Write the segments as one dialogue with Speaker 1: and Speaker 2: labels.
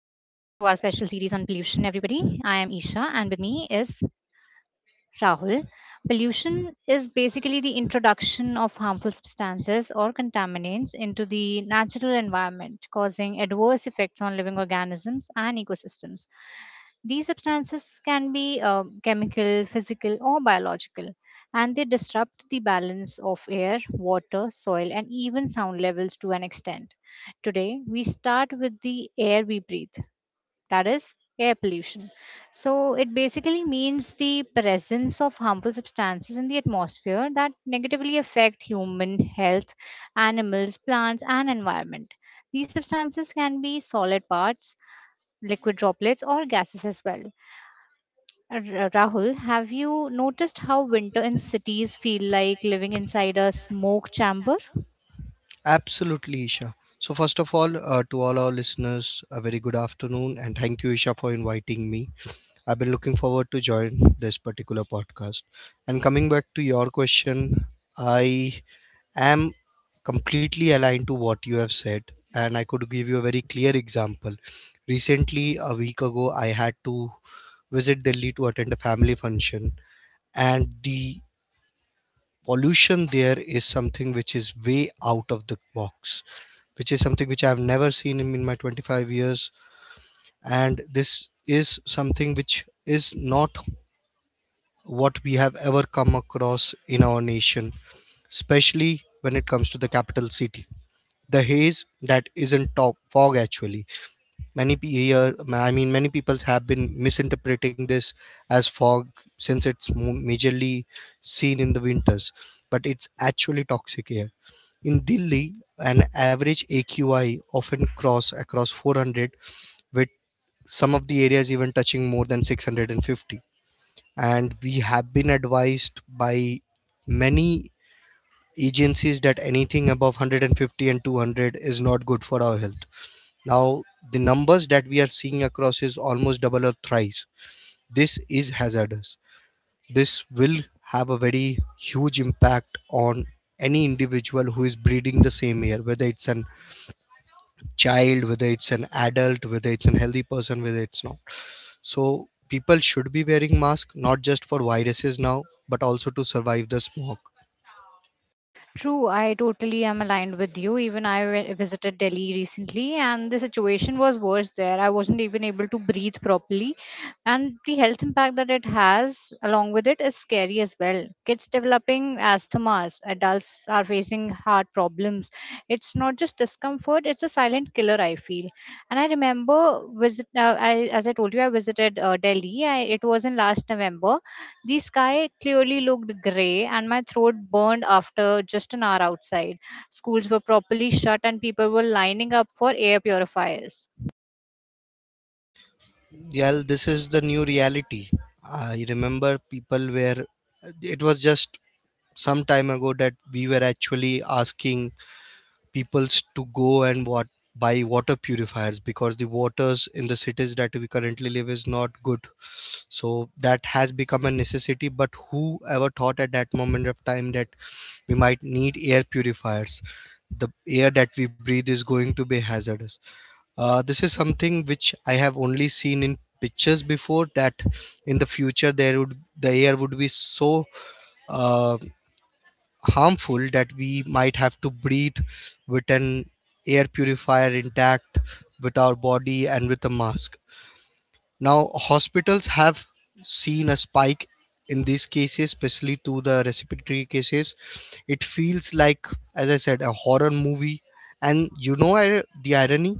Speaker 1: on pollution, everybody. I am Isha, and with me is Rahul. Pollution is basically the introduction of harmful substances or contaminants into the natural environment, causing adverse effects on living organisms and ecosystems. These substances can be chemical, physical, or biological, and they disrupt the balance of air, water, soil, and even sound levels to an extent. Today, we start with the air we breathe, that is air pollution. So it basically means the presence of harmful substances in the atmosphere that negatively affect human health, animals, plants, and environment. These substances can be solid parts, liquid droplets, or gases as well. Rahul, have you noticed how winter in cities feel like living inside a smoke chamber?
Speaker 2: Absolutely, Isha. So, first of all, to all our listeners, a very good afternoon, and thank you, Isha, for inviting me. I've been looking forward to join this particular podcast. And coming back to your question, I am completely aligned to what you have said, and I could give you a very clear example. Recently, a week ago, I had to visit Delhi to attend a family function, and the pollution there is something which is way out of the box, which is something which I've never seen in my 25 years. And this is something which is not what we have ever come across in our nation, especially when it comes to the capital city. The haze that isn't top fog actually, many pe- here I mean many people have been misinterpreting this as fog since it's majorly seen in the winters, but it's actually toxic air. In Delhi, an average AQI often cross across 400, with some of the areas even touching more than 650. And we have been advised by many agencies that anything above 150 and 200 is not good for our health. Now, the numbers that we are seeing across is almost double or thrice. This is hazardous. This will have a very huge impact on any individual who is breathing the same air, whether it's an child, whether it's an adult, whether it's an healthy person, whether it's not. So people should be wearing mask not just for viruses now, but also to survive the smoke.
Speaker 1: True, I totally am aligned with you. Even visited Delhi recently, and the situation was worse there. I wasn't even able to breathe properly, and the health impact that it has along with it is scary as well. Kids developing asthmas, adults are facing heart problems. It's not just discomfort; it's a silent killer. I feel, and I remember visit. I, as I told you, I visited Delhi. It was in last November, the sky clearly looked grey, and my throat burned after just an hour outside. Schools were properly shut, and people were lining up for air purifiers.
Speaker 2: Yeah, this is the new reality. I remember people were, it was just some time ago that we were actually asking peoples to go and what, buy water purifiers, because the waters in the cities that we currently live is not good. So that has become a necessity, but who ever thought at that moment of time that we might need air purifiers, the air that we breathe is going to be hazardous. This is something which I have only seen in pictures before that, in the future there would, the air would be so uh, harmful that we might have to breathe with an air purifier intact with our body and with a mask. Now hospitals have seen a spike in these cases, especially to the respiratory cases. It feels like, as I said, a horror movie. And you know the irony,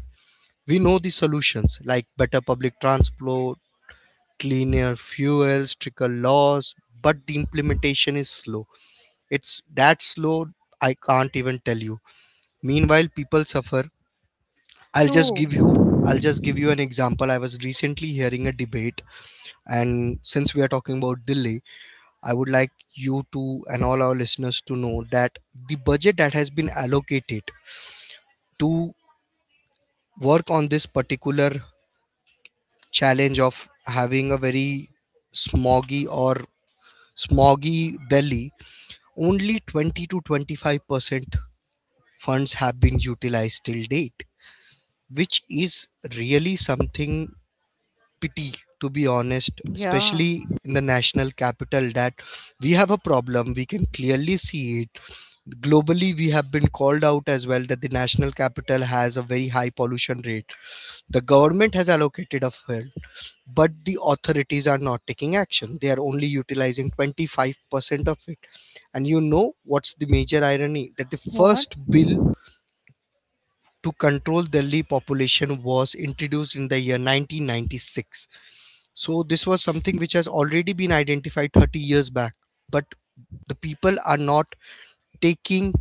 Speaker 2: we know the solutions like better public transport, cleaner fuels, stricter laws, but the implementation is slow. It's that slow, I can't even tell you. Meanwhile, people suffer.
Speaker 1: True.
Speaker 2: I'll just give you an example. I was recently hearing a debate, and since we are talking about Delhi, I would like you to and all our listeners to know that the budget that has been allocated to work on this particular challenge of having a very smoggy or smoggy Delhi, only 20 to 25% funds have been utilized till date, which is really something pity, to be honest,
Speaker 1: Yeah.
Speaker 2: especially in the national capital, that we have a problem. We can clearly see it globally, we have been called out as well, that the national capital has a very high pollution rate. The government has allocated a fund, but the authorities are not taking action. They are only utilizing 25% of it. And you know what's the major irony, that the
Speaker 1: What?
Speaker 2: first bill to control Delhi population was introduced in the year 1996. So this was something which has already been identified 30 years back, but the people are not taking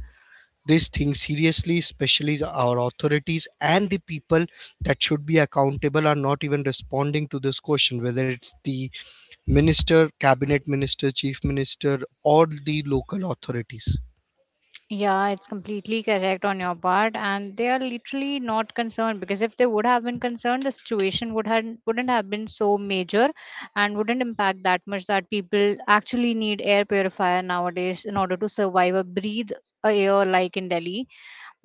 Speaker 2: this thing seriously, especially our authorities, and the people that should be accountable are not even responding to this question, whether it's the minister, cabinet minister, chief minister, or the local authorities.
Speaker 1: Yeah, it's completely correct on your part, and they are literally not concerned because if they would have been concerned, the situation wouldn't have been so major, and wouldn't impact that much that people actually need air purifier nowadays in order to survive or breathe a air like in Delhi.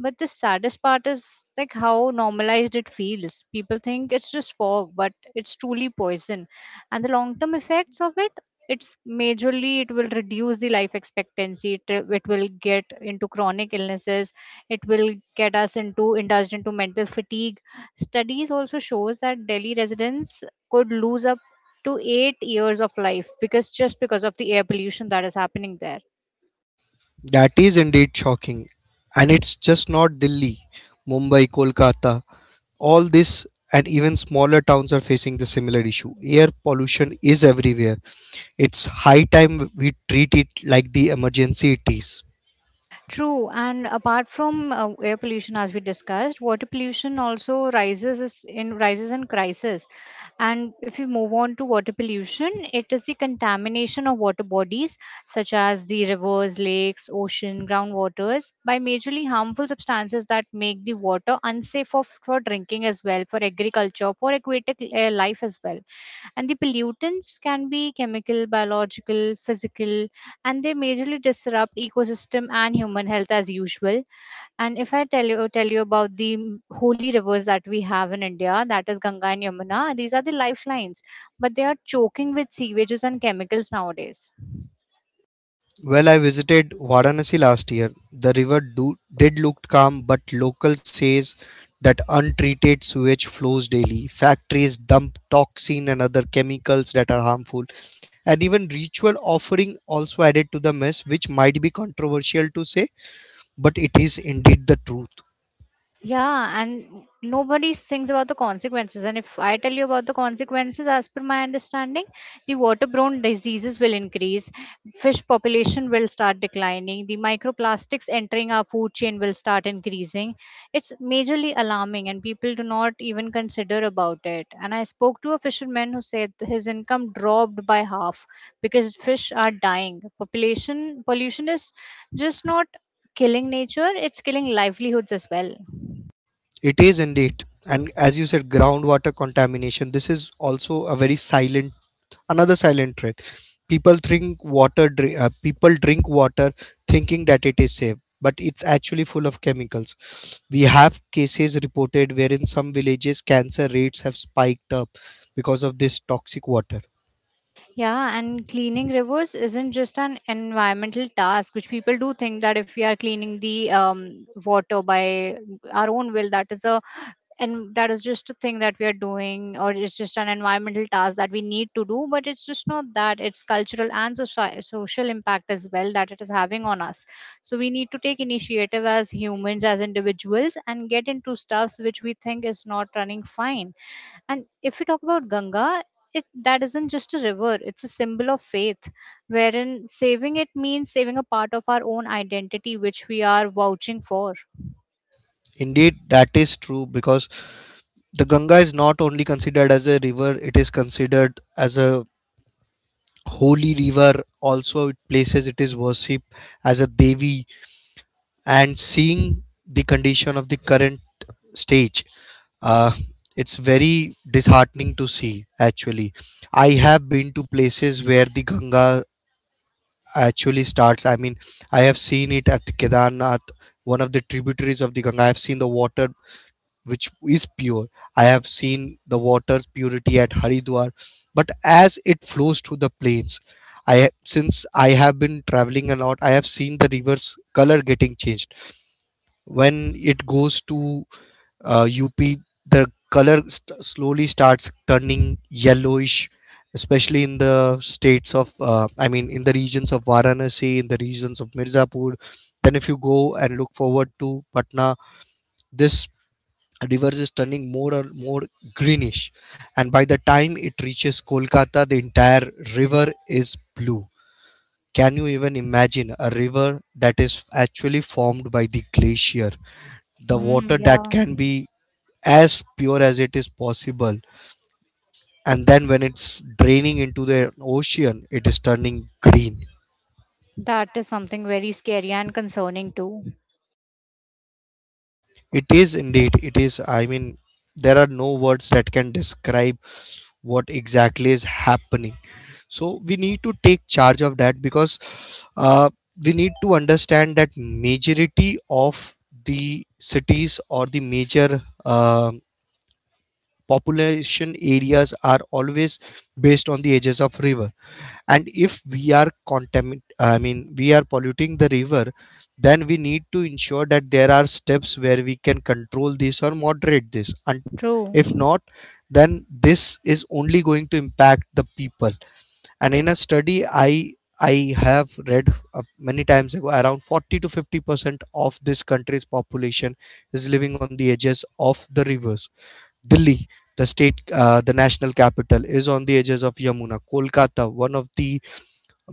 Speaker 1: But the saddest part is like how normalized it feels. People think it's just fog, but it's truly poison. And the long term effects of it, it's majorly it will reduce the life expectancy. It will get into chronic illnesses. It will get us into indulged into mental fatigue. Studies also shows that Delhi residents could lose up to 8 years of life because just because of the air pollution that is happening there.
Speaker 2: That is indeed shocking. And it's just not Delhi, Mumbai, Kolkata, all this and even smaller towns are facing the similar issue. Air pollution is everywhere. It's high time we treat it like the emergency it is.
Speaker 1: True, and apart from air pollution, as we discussed, water pollution also rises in crisis. And if we move on to water pollution, it is the contamination of water bodies such as the rivers, lakes, ocean, groundwaters by majorly harmful substances that make the water unsafe for drinking as well, for agriculture, for aquatic life as well. And the pollutants can be chemical, biological, physical, and they majorly disrupt ecosystem and human health as usual. And if I tell you about the holy rivers that we have in India, that is Ganga and Yamuna, these are the lifelines, but they are choking with sewages and chemicals nowadays.
Speaker 2: Well, I visited Varanasi last year. The river did look calm, but local says that untreated sewage flows daily. Factories dump toxin and other chemicals that are harmful, and even ritual offering also added to the mess, which might be controversial to say, but it is indeed the truth.
Speaker 1: Yeah, and nobody thinks about the consequences. And if I tell you about the consequences, as per my understanding, the waterborne diseases will increase, fish population will start declining, the microplastics entering our food chain will start increasing. It's majorly alarming, and people do not even consider about it. And I spoke to a fisherman who said his income dropped by half because fish are dying. Population pollution is just not killing nature; it's killing livelihoods as well.
Speaker 2: It is indeed, and as you said, groundwater contamination. This is also a very silent, another silent threat. People drink water. People drink water thinking that it is safe, but it's actually full of chemicals. We have cases reported where in some villages cancer rates have spiked up because of this toxic water.
Speaker 1: Yeah, and cleaning rivers isn't just an environmental task, which people do think that if we are cleaning the water by our own will, that is just a thing that we are doing, or it's just an environmental task that we need to do, but it's just not that, it's cultural and social impact as well that it is having on us. So we need to take initiative as humans, as individuals, and get into stuffs which we think is not running fine. And if we talk about Ganga, it that isn't just a river, it's a symbol of faith, wherein saving it means saving a part of our own identity which we are vouching for.
Speaker 2: Indeed, that is true, because the Ganga is not only considered as a river; it is considered as a holy river. Also, it places, it is worship as a devi, and seeing the condition of the current stage, uh, it's very disheartening to see. Actually, I have been to places where the Ganga actually starts. I mean, I have seen it at Kedarnath, one of the tributaries of the Ganga. I have seen the water which is pure. I have seen the water's purity at Haridwar, but as it flows through the plains, since I have been traveling a lot, I have seen the river's color getting changed. When it goes to UP, the color slowly starts turning yellowish, especially in the states of, I mean, in the regions of Varanasi, in the regions of Mirzapur. Then, if you go and look forward to Patna, this river is turning more and more greenish, and by the time it reaches Kolkata, the entire river is blue. Can you even imagine a river that is actually formed by the glacier? The
Speaker 1: Hmm.
Speaker 2: water that
Speaker 1: Yeah.
Speaker 2: can be as pure as it is possible, and then when it's draining into the ocean, it is turning green.
Speaker 1: That is something very scary and concerning too.
Speaker 2: It is indeed. It is. I mean, there are no words that can describe what exactly is happening. So we need to take charge of that, because uh, we need to understand that majority of the cities or the major population areas are always based on the edges of river. And if we are contamin I mean, we are polluting the river, then we need to ensure that there are steps where we can control this or moderate this. And
Speaker 1: True.
Speaker 2: if not, then this is only going to impact the people. And in a study I have read, uh, many times ago, around 40 to 50% of this country's population is living on the edges of the rivers. Delhi, the state, the national capital, is on the edges of Yamuna. Kolkata, one of the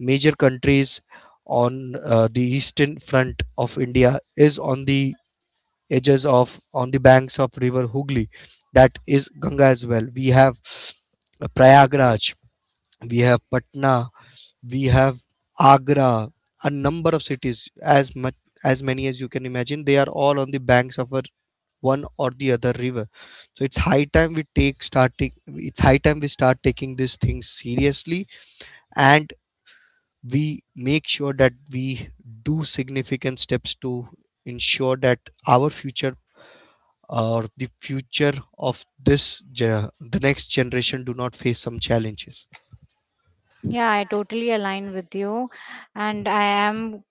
Speaker 2: major countries on the eastern front of India, is on the edges of, on the banks of river Hooghly, that is Ganga as well. We have Prayagraj, we have Patna, we have Agra, a number of cities, as much as many as you can imagine. They are all on the banks of a one or the other river. So it's high time we take starting, it's high time we start taking these things seriously, and we make sure that we do significant steps to ensure that our future, or the future of this the next generation, do not face some challenges.
Speaker 1: Yeah, I totally align with you, and I am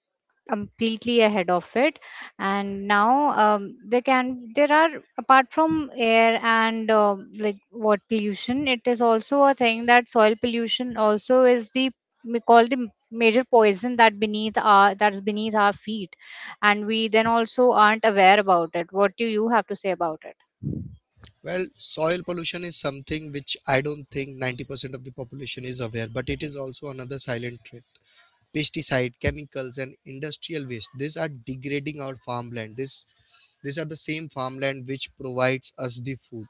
Speaker 1: completely ahead of it. And now there are, apart from air and like what pollution, it is also a thing that soil pollution also is the, we call the major poison that beneath our that's beneath our feet, and we then also aren't aware about it. What do you have to say about it?
Speaker 2: Well, soil pollution is something which I don't think 90% of the population is aware, but it is also another silent threat. Pesticide chemicals and industrial waste, these are degrading our farmland. This These are the same farmland which provides us the food.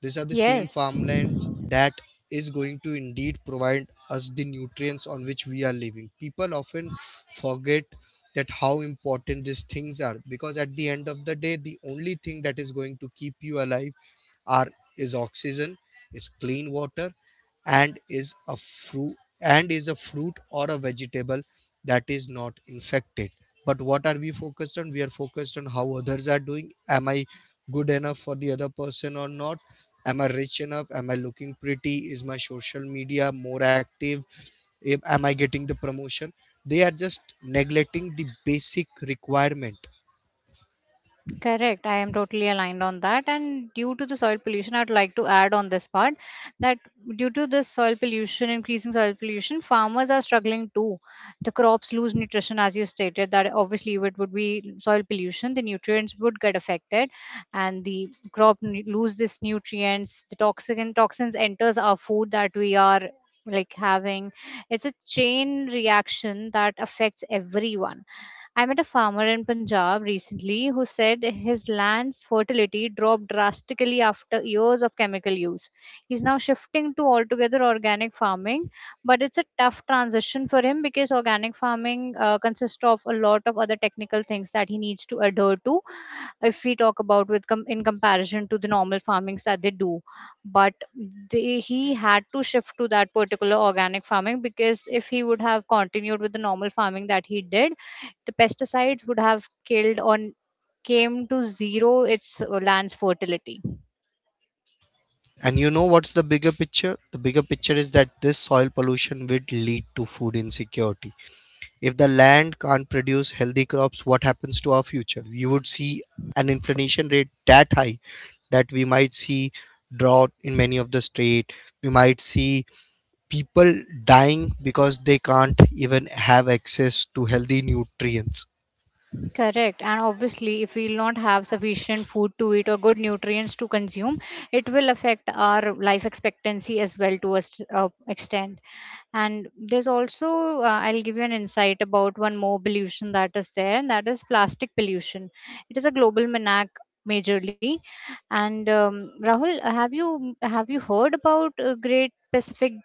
Speaker 2: These are the same
Speaker 1: Yes.
Speaker 2: farmlands that is going to indeed provide us the nutrients on which we are living. People often forget that how important these things are, because at the end of the day, the only thing that is going to keep you alive are is oxygen, is clean water, and is a fruit and is a fruit or a vegetable that is not infected. But what are we focused on? We are focused on how others are doing. Am I good enough for the other person or not? Am I rich enough? Am I looking pretty? Is my social media more active? Am I getting the promotion? They are just neglecting the basic requirement.
Speaker 1: Correct. I am totally aligned on that. And due to the soil pollution, I'd like to add on this part that due to this soil pollution, increasing soil pollution, farmers are struggling too. The crops lose nutrition, as you stated, that obviously it would be soil pollution. The nutrients would get affected and the lose this nutrients. The toxic and toxins enters our food that we are like having. It's a chain reaction that affects everyone. I met a farmer in Punjab recently who said his land's fertility dropped drastically after years of chemical use. He's now shifting to altogether organic farming, but it's a tough transition for him because organic farming consists of a lot of other technical things that he needs to adhere to if we talk about in comparison to the normal farmings that they do. But he had to shift to that particular organic farming, because if he would have continued with the normal farming that he did, the pesticides would have killed or came to zero its land's fertility.
Speaker 2: And you know what's the bigger picture? The bigger picture is that this soil pollution will lead to food insecurity. If the land can't produce healthy crops, what happens to our future? You would see an inflation rate that high, that we might see drought in many of the state. We might see people dying because they can't even have access to healthy nutrients.
Speaker 1: Correct. And obviously, if we'll not have sufficient food to eat or good nutrients to consume, it will affect our life expectancy as well to a extent. And there's also, I'll give you an insight about one more pollution that is there, and that is plastic pollution. It is a global menac, majorly. And Rahul, have you heard about great Pacific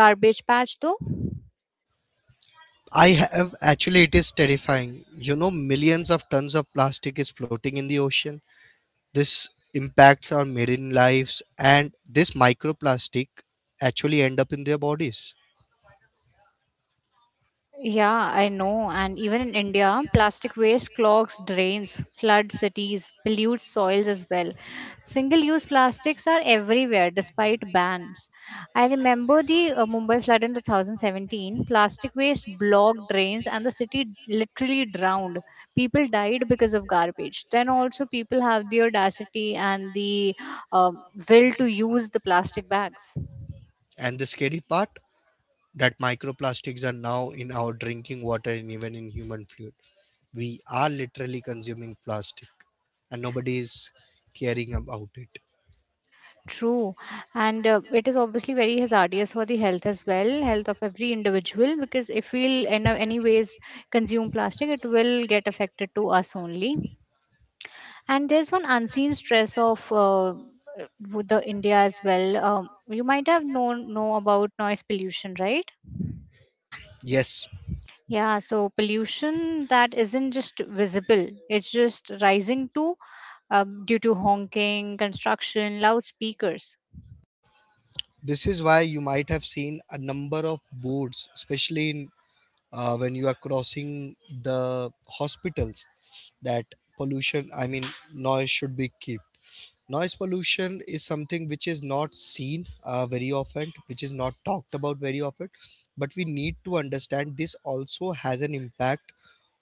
Speaker 1: garbage patch though?
Speaker 2: I have actually, it is terrifying. You know, millions of tons of plastic is floating in the ocean. This impacts our marine lives, and this microplastic actually end up in their bodies.
Speaker 1: Yeah, I know. And even in India, plastic waste clogs drains, floods cities, pollutes soils as well. Single use plastics are everywhere despite bans. I remember the Mumbai flood in 2017. Plastic waste blocked drains and the city literally drowned. People died because of garbage. Then also, people have the audacity and the will to use the plastic bags.
Speaker 2: And the scary part, that microplastics are now in our drinking water and even in human fluid. We are literally consuming plastic, and nobody is caring about it.
Speaker 1: True, and it is obviously very hazardous for the health as well, health of every individual, because if we'll in any ways consume plastic, it will get affected to us only. And there's one unseen stress of with the India as well. You might have know about noise pollution, right?
Speaker 2: Yes,
Speaker 1: Yeah, so pollution that isn't just visible, it's just rising too, due to honking, construction, loudspeakers.
Speaker 2: this is why you might have seen a number of boards, especially in, when you are crossing the hospitals, that pollution, I mean, noise should be kept. Noise pollution is something which is not seen very often, which is not talked about very often, but we need to understand this also has an impact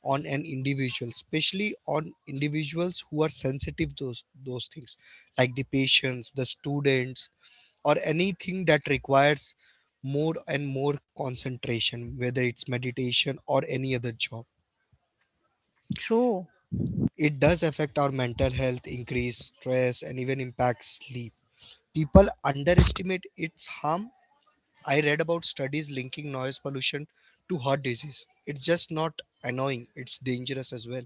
Speaker 2: on an individual, especially on individuals who are sensitive to those things, like the patients, the students, or anything that requires more and more concentration, whether it's meditation or any other job.
Speaker 1: True.
Speaker 2: It does affect our mental health, increase stress, and even impact sleep. People underestimate its harm. I read about studies linking noise pollution to heart disease. It's just not annoying, it's dangerous as well.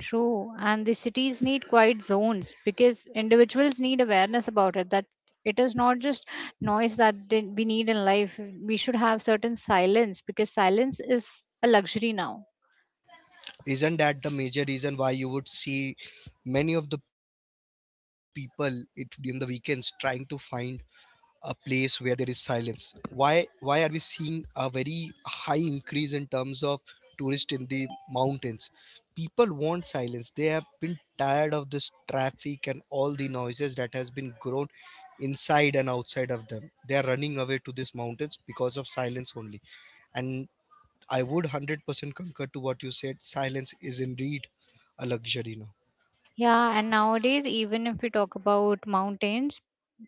Speaker 1: True, and the cities need quiet zones because individuals need awareness about it. That it is not just noise that we need in life. We should have certain silence because silence is a luxury now.
Speaker 2: Isn't that the major reason why you would see many of the people in the weekends trying to find a place where there is silence? Why are we seeing a very high increase in terms of tourists in the mountains? People want silence. They have been tired of this traffic and all the noises that has been grown inside and outside of them. They are running away to these mountains because of silence only. And I would 100% concur to what you said, silence is indeed a luxury now.
Speaker 1: Yeah, and nowadays, even if we talk about mountains,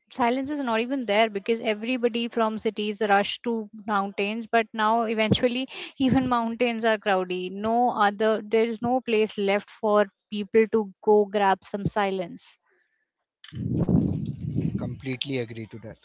Speaker 1: silence is not even there because everybody from cities rush to mountains. But now, eventually, even mountains are crowded. No other, there is no place left for people to go grab some silence.
Speaker 2: Completely agree to that.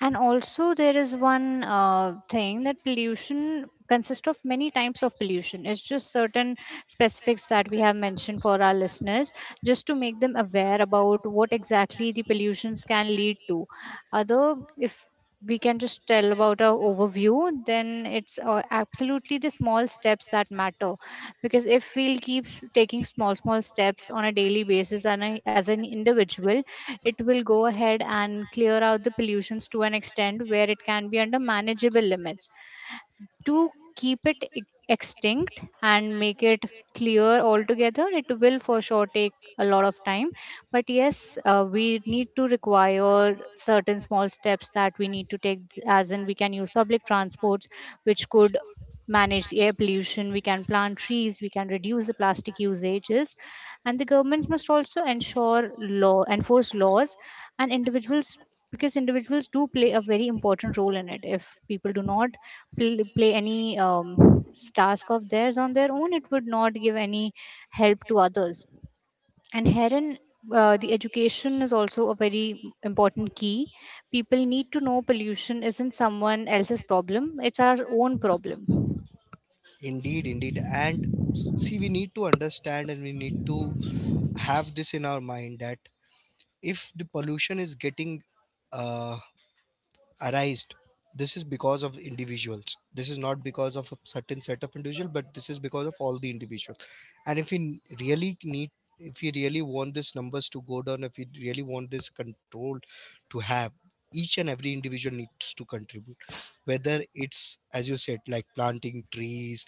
Speaker 1: And also, there is one thing, that pollution consists of many types of pollution. It's just certain specifics that we have mentioned for our listeners, just to make them aware about what exactly the pollutions can lead to. Other, if we can just tell about our overview, then it's absolutely the small steps that matter. Because if we'll keep taking small, small steps on a daily basis and as an individual, it will go ahead and clear out the pollutions to an extent where it can be under manageable limits, to keep it extinct and make it clear altogether. It will for sure take a lot of time, but yes, we need to require certain small steps that we need to take, as in we can use public transports which could manage the air pollution, we can plant trees, we can reduce the plastic usages, and the governments must also ensure law enforce laws and individuals, because individuals do play a very important role in it. If people do not play any task of theirs on their own, it would not give any help to others. And herein, the education is also a very important key. People need to know pollution isn't someone else's problem, it's our own problem.
Speaker 2: Indeed, indeed. And see, we need to understand, and we need to have this in our mind, that if the pollution is getting uh, arised, this is because of individuals. This is not because of a certain set of individual, but this is because of all the individuals. And if we really need, if we really want these numbers to go down, if we really want this control to have, each and every individual needs to contribute. Whether it's, as you said, like planting trees,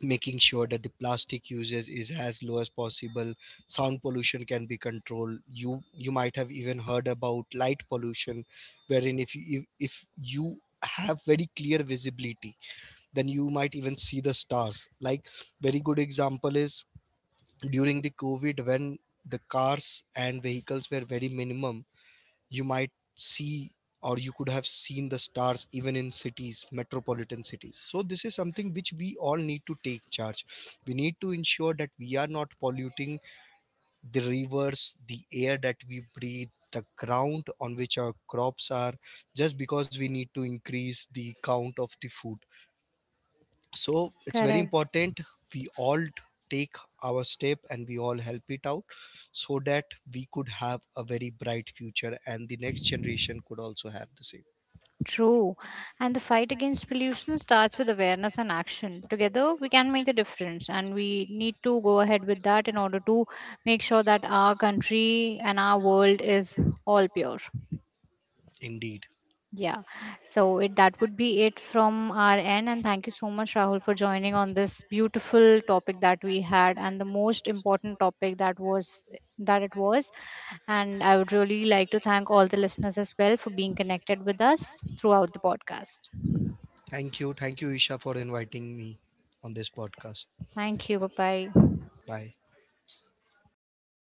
Speaker 2: making sure that the plastic usage is as low as possible, sound pollution can be controlled. You might have even heard about light pollution, wherein if you have very clear visibility, then you might even see the stars. Like very good example is during the COVID, when the cars and vehicles were very minimum, you might see, or you could have seen the stars even in cities, metropolitan cities. So this is something which we all need to take charge. We need to ensure that we are not polluting the rivers, the air that we breathe, the ground on which our crops are, just because we need to increase the count of the food. So it's very
Speaker 1: Correct.
Speaker 2: important we all take our step, and we all help it out, so that we could have a very bright future, and the next generation could also have the same.
Speaker 1: True, and the fight against pollution starts with awareness and action. Together we can make a difference, and we need to go ahead with that in order to make sure that our country and our world is all pure.
Speaker 2: Indeed.
Speaker 1: Yeah. So it that would be it from our end. And thank you so much, Rahul, for joining on this beautiful topic that we had, and the most important topic that was that it was. And I would really like to thank all the listeners as well for being connected with us throughout the podcast.
Speaker 2: Thank you, Isha, for inviting me on this podcast.
Speaker 1: Thank you. Bye bye.
Speaker 2: Bye.